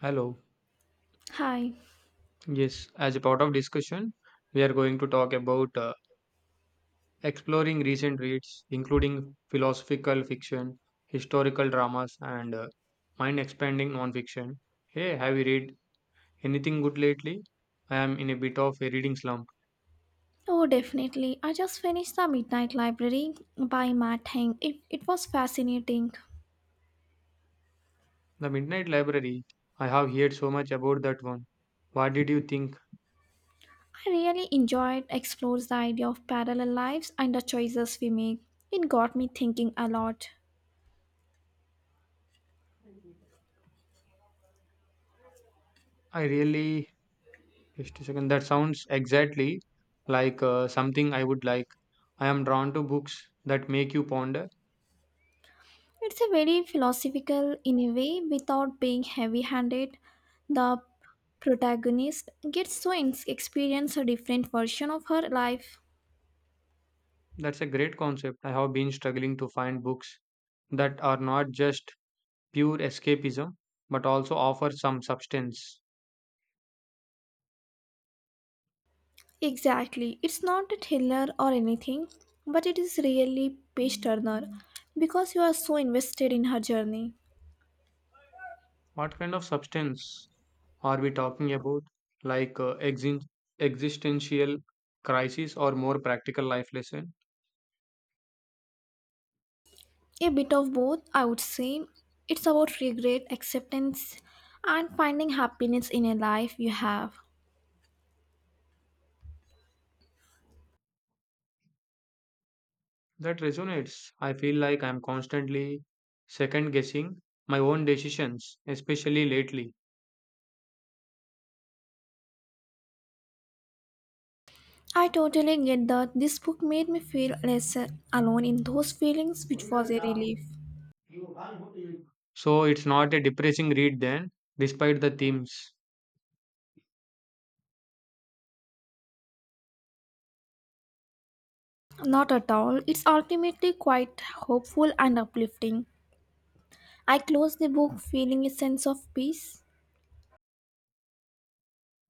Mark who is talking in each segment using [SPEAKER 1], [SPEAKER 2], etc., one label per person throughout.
[SPEAKER 1] Hello.
[SPEAKER 2] Hi.
[SPEAKER 1] Yes, as a part of discussion, we are going to talk about exploring recent reads, including philosophical fiction, historical dramas, and mind expanding nonfiction. Hey, have you read anything good lately? I am in a bit of a reading slump.
[SPEAKER 2] Oh, definitely. I just finished The Midnight Library by Matt Heng. It was fascinating.
[SPEAKER 1] The Midnight Library, I have heard so much about that one. What did you think?
[SPEAKER 2] I really enjoyed explores the idea of parallel lives and the choices we make. It got me thinking a lot.
[SPEAKER 1] I really, just a second, that sounds exactly like something I would like. I am drawn to books that make you ponder.
[SPEAKER 2] It's a very philosophical in a way without being heavy-handed. The protagonist gets to experience a different version of her life.
[SPEAKER 1] That's a great concept. I have been struggling to find books that are not just pure escapism but also offer some substance.
[SPEAKER 2] Exactly. It's not a thriller or anything, but it is really page turner because you are so invested in her journey.
[SPEAKER 1] What kind of substance are we talking about? Like existential crisis or more practical life lesson?
[SPEAKER 2] A bit of both, I would say. It's about regret, acceptance, and finding happiness in a life you have.
[SPEAKER 1] That resonates. I feel like I'm constantly second guessing my own decisions, especially lately.
[SPEAKER 2] I totally get that this book made me feel less alone in those feelings, which was a relief.
[SPEAKER 1] So it's not a depressing read then, despite the themes.
[SPEAKER 2] Not at all. It's ultimately quite hopeful and uplifting. I closed the book feeling a sense of peace.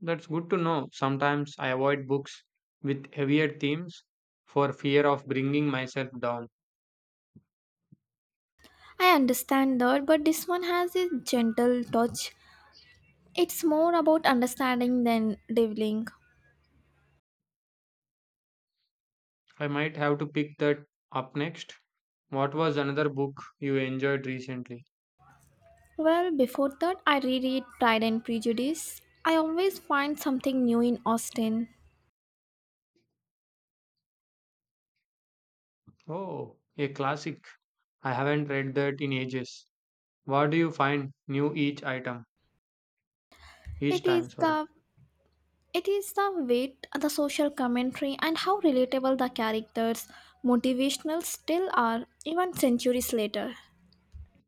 [SPEAKER 1] That's good to know. Sometimes I avoid books with heavier themes for fear of bringing myself down.
[SPEAKER 2] I understand that, but this one has a gentle touch. It's more about understanding than reveling.
[SPEAKER 1] I might have to pick that up next. What was another book you enjoyed recently?
[SPEAKER 2] Well, before that, I reread Pride and Prejudice. I always find something new in Austen.
[SPEAKER 1] Oh, a classic. I haven't read that in ages. What do you find new each item? Each
[SPEAKER 2] It is
[SPEAKER 1] time, sorry.
[SPEAKER 2] the it is the wit, the social commentary, and how relatable the characters' motivational still are, even centuries later.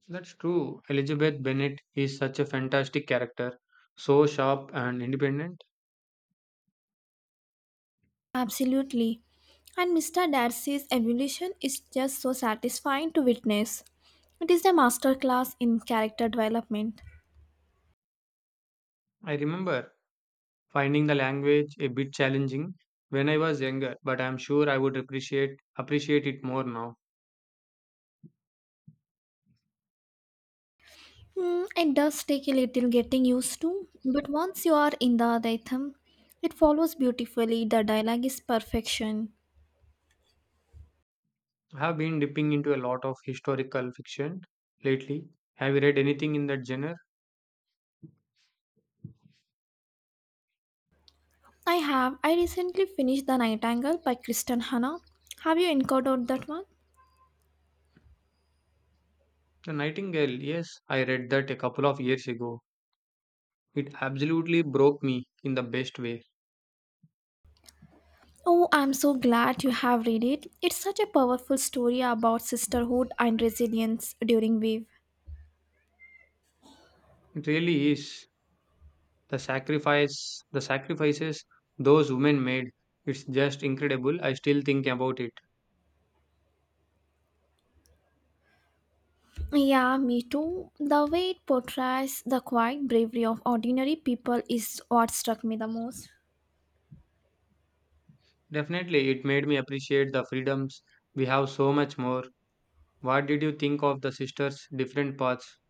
[SPEAKER 1] That's true. Elizabeth Bennet is such a fantastic character, so sharp and independent.
[SPEAKER 2] Absolutely. And Mr. Darcy's evolution is just so satisfying to witness. It is a masterclass in character development.
[SPEAKER 1] I remember finding the language a bit challenging when I was younger, but I'm sure I would appreciate it more now.
[SPEAKER 2] Hmm, it does take a little getting used to, but once you are in the rhythm, it follows beautifully. The dialogue is perfection.
[SPEAKER 1] I have been dipping into a lot of historical fiction lately. Have you read anything in that genre?
[SPEAKER 2] I have. I recently finished The Nightingale by Kristen Hanna. Have you encountered that one?
[SPEAKER 1] The Nightingale, yes, I read that a couple of years ago. It absolutely broke me in the best way.
[SPEAKER 2] Oh, I'm so glad you have read it. It's such a powerful story about sisterhood and resilience during wave.
[SPEAKER 1] It really is. The sacrifices those women made. It's just incredible. I still think about it.
[SPEAKER 2] Yeah, me too. The way it portrays the quiet bravery of ordinary people is what struck me the most.
[SPEAKER 1] Definitely, it made me appreciate the freedoms we have so much more. What did you think of the sisters' different paths?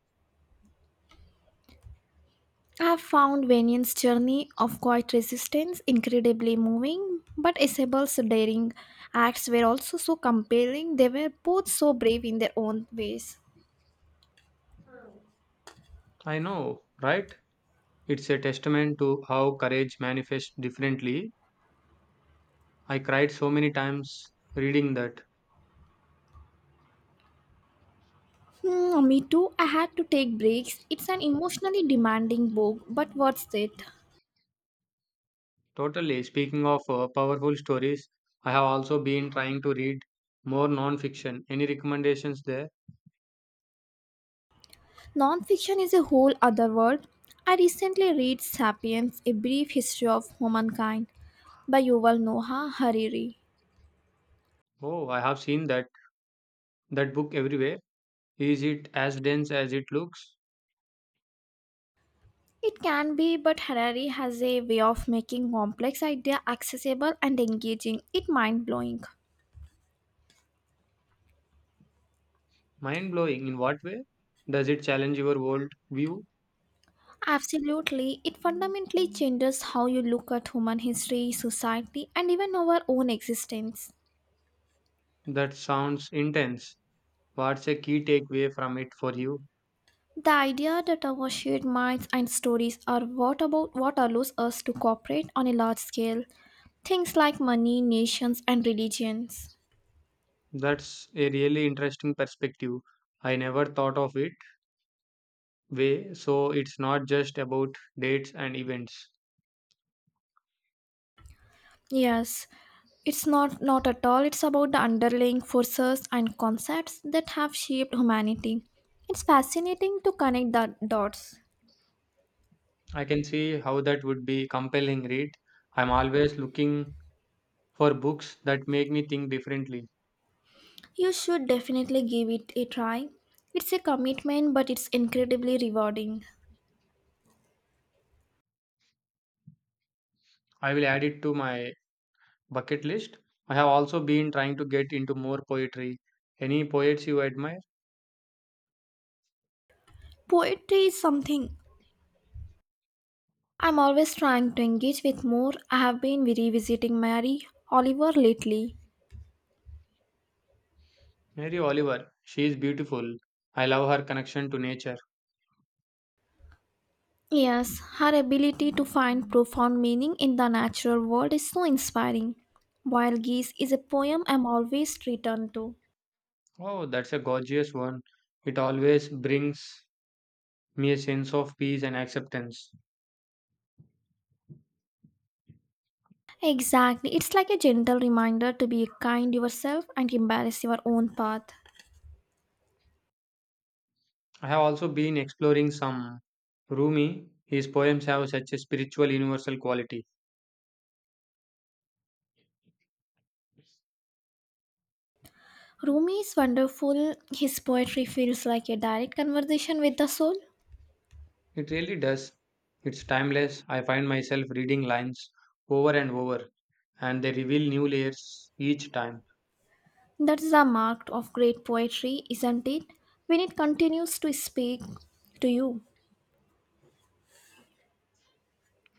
[SPEAKER 2] I have found Vanyan's journey of quiet resistance incredibly moving, but Isabel's daring acts were also so compelling. They were both so brave in their own ways.
[SPEAKER 1] I know, right? It's a testament to how courage manifests differently. I cried so many times reading that.
[SPEAKER 2] Hmm, me too. I had to take breaks. It's an emotionally demanding book, but worth it.
[SPEAKER 1] Totally. Speaking of powerful stories, I have also been trying to read more non-fiction. Any recommendations there?
[SPEAKER 2] Nonfiction is a whole other world. I recently read *Sapiens: A Brief History of Humankind* by Yuval Noah Hariri.
[SPEAKER 1] Oh, I have seen that book everywhere. Is it as dense as it looks?
[SPEAKER 2] It can be, but Harari has a way of making complex idea accessible and engaging. It mind blowing.
[SPEAKER 1] Mind blowing. In what way? Does it challenge your world view?
[SPEAKER 2] Absolutely, it fundamentally changes how you look at human history, society, and even our own existence.
[SPEAKER 1] That sounds intense. What's a key takeaway from it for you?
[SPEAKER 2] The idea that our shared minds and stories are what about what allows us to cooperate on a large scale. Things like money, nations, and religions.
[SPEAKER 1] That's a really interesting perspective. I never thought of it way, so it's not just about dates and events.
[SPEAKER 2] Yes, it's not at all. It's about the underlying forces and concepts that have shaped humanity. It's fascinating to connect the dots.
[SPEAKER 1] I can see how that would be compelling read. I'm always looking for books that make me think differently.
[SPEAKER 2] You should definitely give it a try. It's a commitment, but it's incredibly rewarding.
[SPEAKER 1] I will add it to my bucket list. I have also been trying to get into more poetry. Any poets you admire?
[SPEAKER 2] Poetry is something I'm always trying to engage with more. I have been revisiting Mary Oliver lately.
[SPEAKER 1] Mary Oliver. She is beautiful. I love her connection to nature.
[SPEAKER 2] Yes, her ability to find profound meaning in the natural world is so inspiring. Wild Geese is a poem I'm always returned to.
[SPEAKER 1] Oh, that's a gorgeous one. It always brings me a sense of peace and acceptance.
[SPEAKER 2] Exactly, it's like a gentle reminder to be kind yourself and embrace your own path.
[SPEAKER 1] I have also been exploring some Rumi. His poems have such a spiritual universal quality.
[SPEAKER 2] Rumi is wonderful. His poetry feels like a direct conversation with the soul.
[SPEAKER 1] It really does. It's timeless. I find myself reading lines over and over, and they reveal new layers each time.
[SPEAKER 2] That is a mark of great poetry, isn't it? When it continues to speak to you.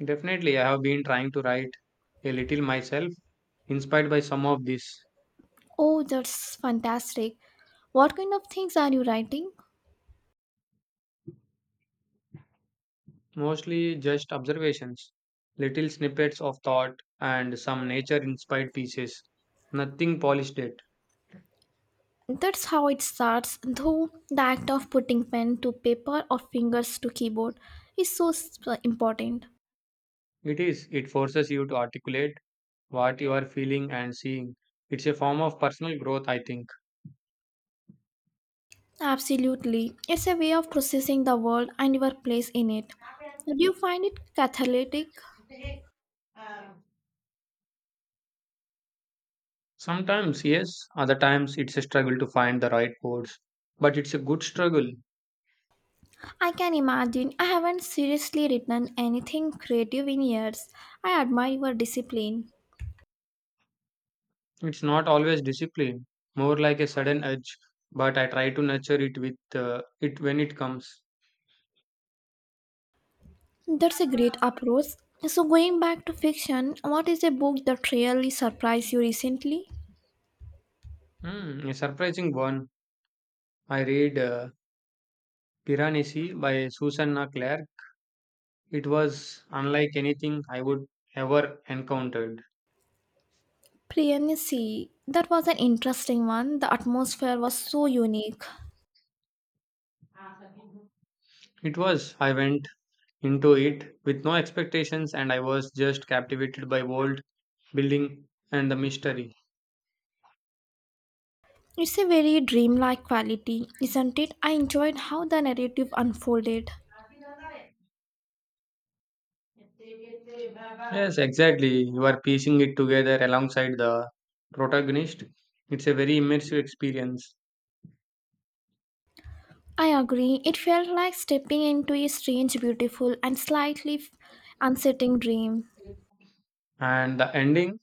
[SPEAKER 1] Definitely, I have been trying to write a little myself, inspired by some of these,
[SPEAKER 2] Oh, that's fantastic. What kind of things are you writing?
[SPEAKER 1] mostly just observations, little snippets of thought, and some nature inspired pieces. Nothing polished yet.
[SPEAKER 2] That's how it starts, though the act of putting pen to paper or fingers to keyboard is so important.
[SPEAKER 1] It is. It forces you to articulate what you are feeling and seeing. It's a form of personal growth, I think.
[SPEAKER 2] Absolutely. It's a way of processing the world and your place in it. Do you find it cathartic?
[SPEAKER 1] Sometimes, yes, other times it's a struggle to find the right words. But it's a good struggle.
[SPEAKER 2] I can imagine. I haven't seriously written anything creative in years. I admire your discipline.
[SPEAKER 1] It's not always discipline, more like a sudden urge, but I try to nurture it with it when it comes.
[SPEAKER 2] That's a great approach. So, going back to fiction, what is a book that really surprised you recently?
[SPEAKER 1] Hmm, a surprising one. I read Piranesi by Susanna Clare. It was unlike anything I would ever encountered.
[SPEAKER 2] Priyansi. That was an interesting one. The atmosphere was so unique.
[SPEAKER 1] It was. I went into it with no expectations, and I was just captivated by world building and the mystery.
[SPEAKER 2] It's a very dreamlike quality, isn't it? I enjoyed how the narrative unfolded.
[SPEAKER 1] Yes, exactly. You are piecing it together alongside the protagonist. It's a very immersive experience.
[SPEAKER 2] I agree. It felt like stepping into a strange, beautiful, and slightly unsettling dream.
[SPEAKER 1] And the ending,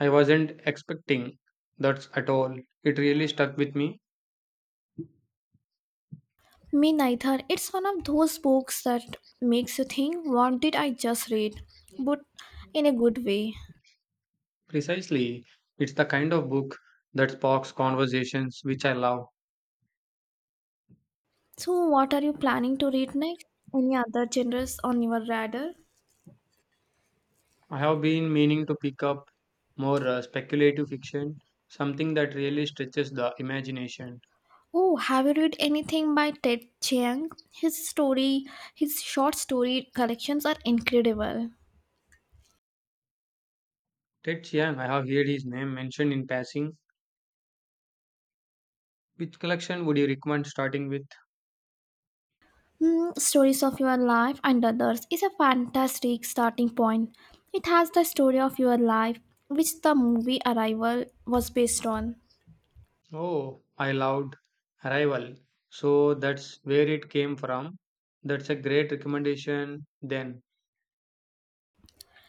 [SPEAKER 1] I wasn't expecting that at all. It really stuck with me.
[SPEAKER 2] Me neither. It's one of those books that makes you think, what did I just read? But in a good way.
[SPEAKER 1] Precisely. It's the kind of book that sparks conversations which I love.
[SPEAKER 2] So, what are you planning to read next? Any other genres on your radar?
[SPEAKER 1] I have been meaning to pick up more speculative fiction, something that really stretches the imagination.
[SPEAKER 2] Oh, have you read anything by Ted Chiang? His short story collections are incredible.
[SPEAKER 1] Ted Chiang, I have heard his name mentioned in passing. Which collection would you recommend starting with?
[SPEAKER 2] Hmm, Stories of Your Life and Others is a fantastic starting point. It has the story of your life, which the movie Arrival was based on.
[SPEAKER 1] Oh, I loved Arrival. So that's where it came from. That's a great recommendation then.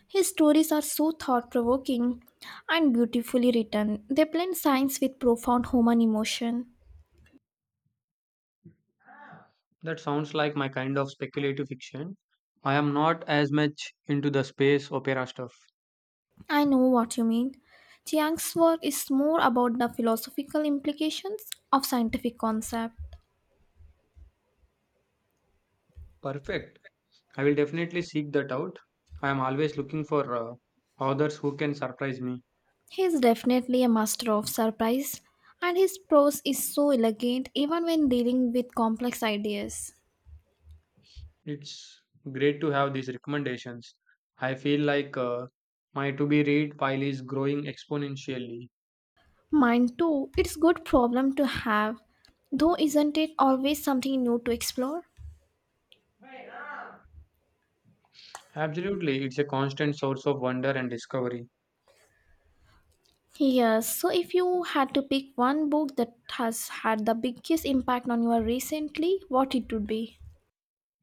[SPEAKER 2] His stories are so thought provoking and beautifully written. They blend science with profound human emotion.
[SPEAKER 1] That sounds like my kind of speculative fiction. I am not as much into the space opera stuff.
[SPEAKER 2] I know what you mean. Chiang's work is more about the philosophical implications of scientific concepts.
[SPEAKER 1] Perfect. I will definitely seek that out. I am always looking for authors who can surprise me.
[SPEAKER 2] He is definitely a master of surprise, and his prose is so elegant even when dealing with complex ideas.
[SPEAKER 1] It's great to have these recommendations. I feel like my to be read pile is growing exponentially.
[SPEAKER 2] Mine too, it's good problem to have, though isn't it always something new to explore?
[SPEAKER 1] Absolutely, it's a constant source of wonder and discovery.
[SPEAKER 2] Yes, so if you had to pick one book that has had the biggest impact on you recently, what it would be?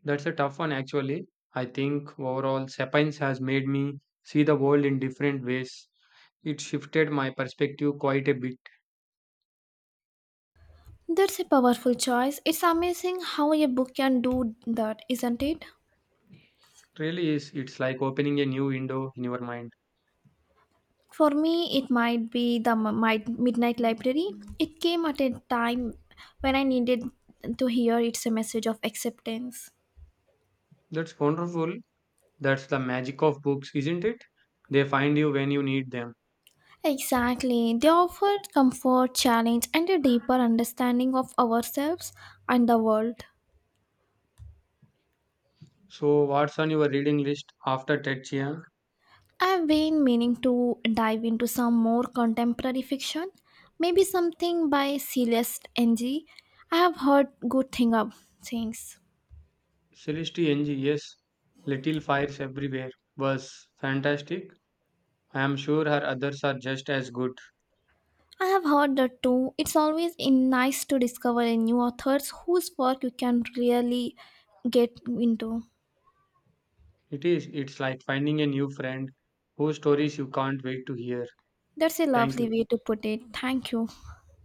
[SPEAKER 1] That's a tough one, actually. I think overall, Sapiens has made me see the world in different ways. It shifted my perspective quite a bit.
[SPEAKER 2] That's a powerful choice. It's amazing how a book can do that, isn't it?
[SPEAKER 1] Really is. It's like opening a new window in your mind.
[SPEAKER 2] For me, it might be the Midnight Library. It came at a time when I needed to hear it's a message of acceptance.
[SPEAKER 1] That's wonderful. That's the magic of books, isn't it? They find you when you need them.
[SPEAKER 2] Exactly. They offered comfort, challenge, and a deeper understanding of ourselves and the world.
[SPEAKER 1] So, what's on your reading list after Ted Chiang?
[SPEAKER 2] I've been meaning to dive into some more contemporary fiction, maybe something by Celeste Ng. I have heard good things.
[SPEAKER 1] Celeste NG, yes, Little Fires Everywhere was fantastic. I am sure her others are just as good.
[SPEAKER 2] I have heard that too. It's always in nice to discover a new authors whose work you can really get into.
[SPEAKER 1] It is, it's like finding a new friend whose stories you can't wait to hear.
[SPEAKER 2] That's a
[SPEAKER 1] Thank
[SPEAKER 2] lovely
[SPEAKER 1] you.
[SPEAKER 2] way to put it. Thank you.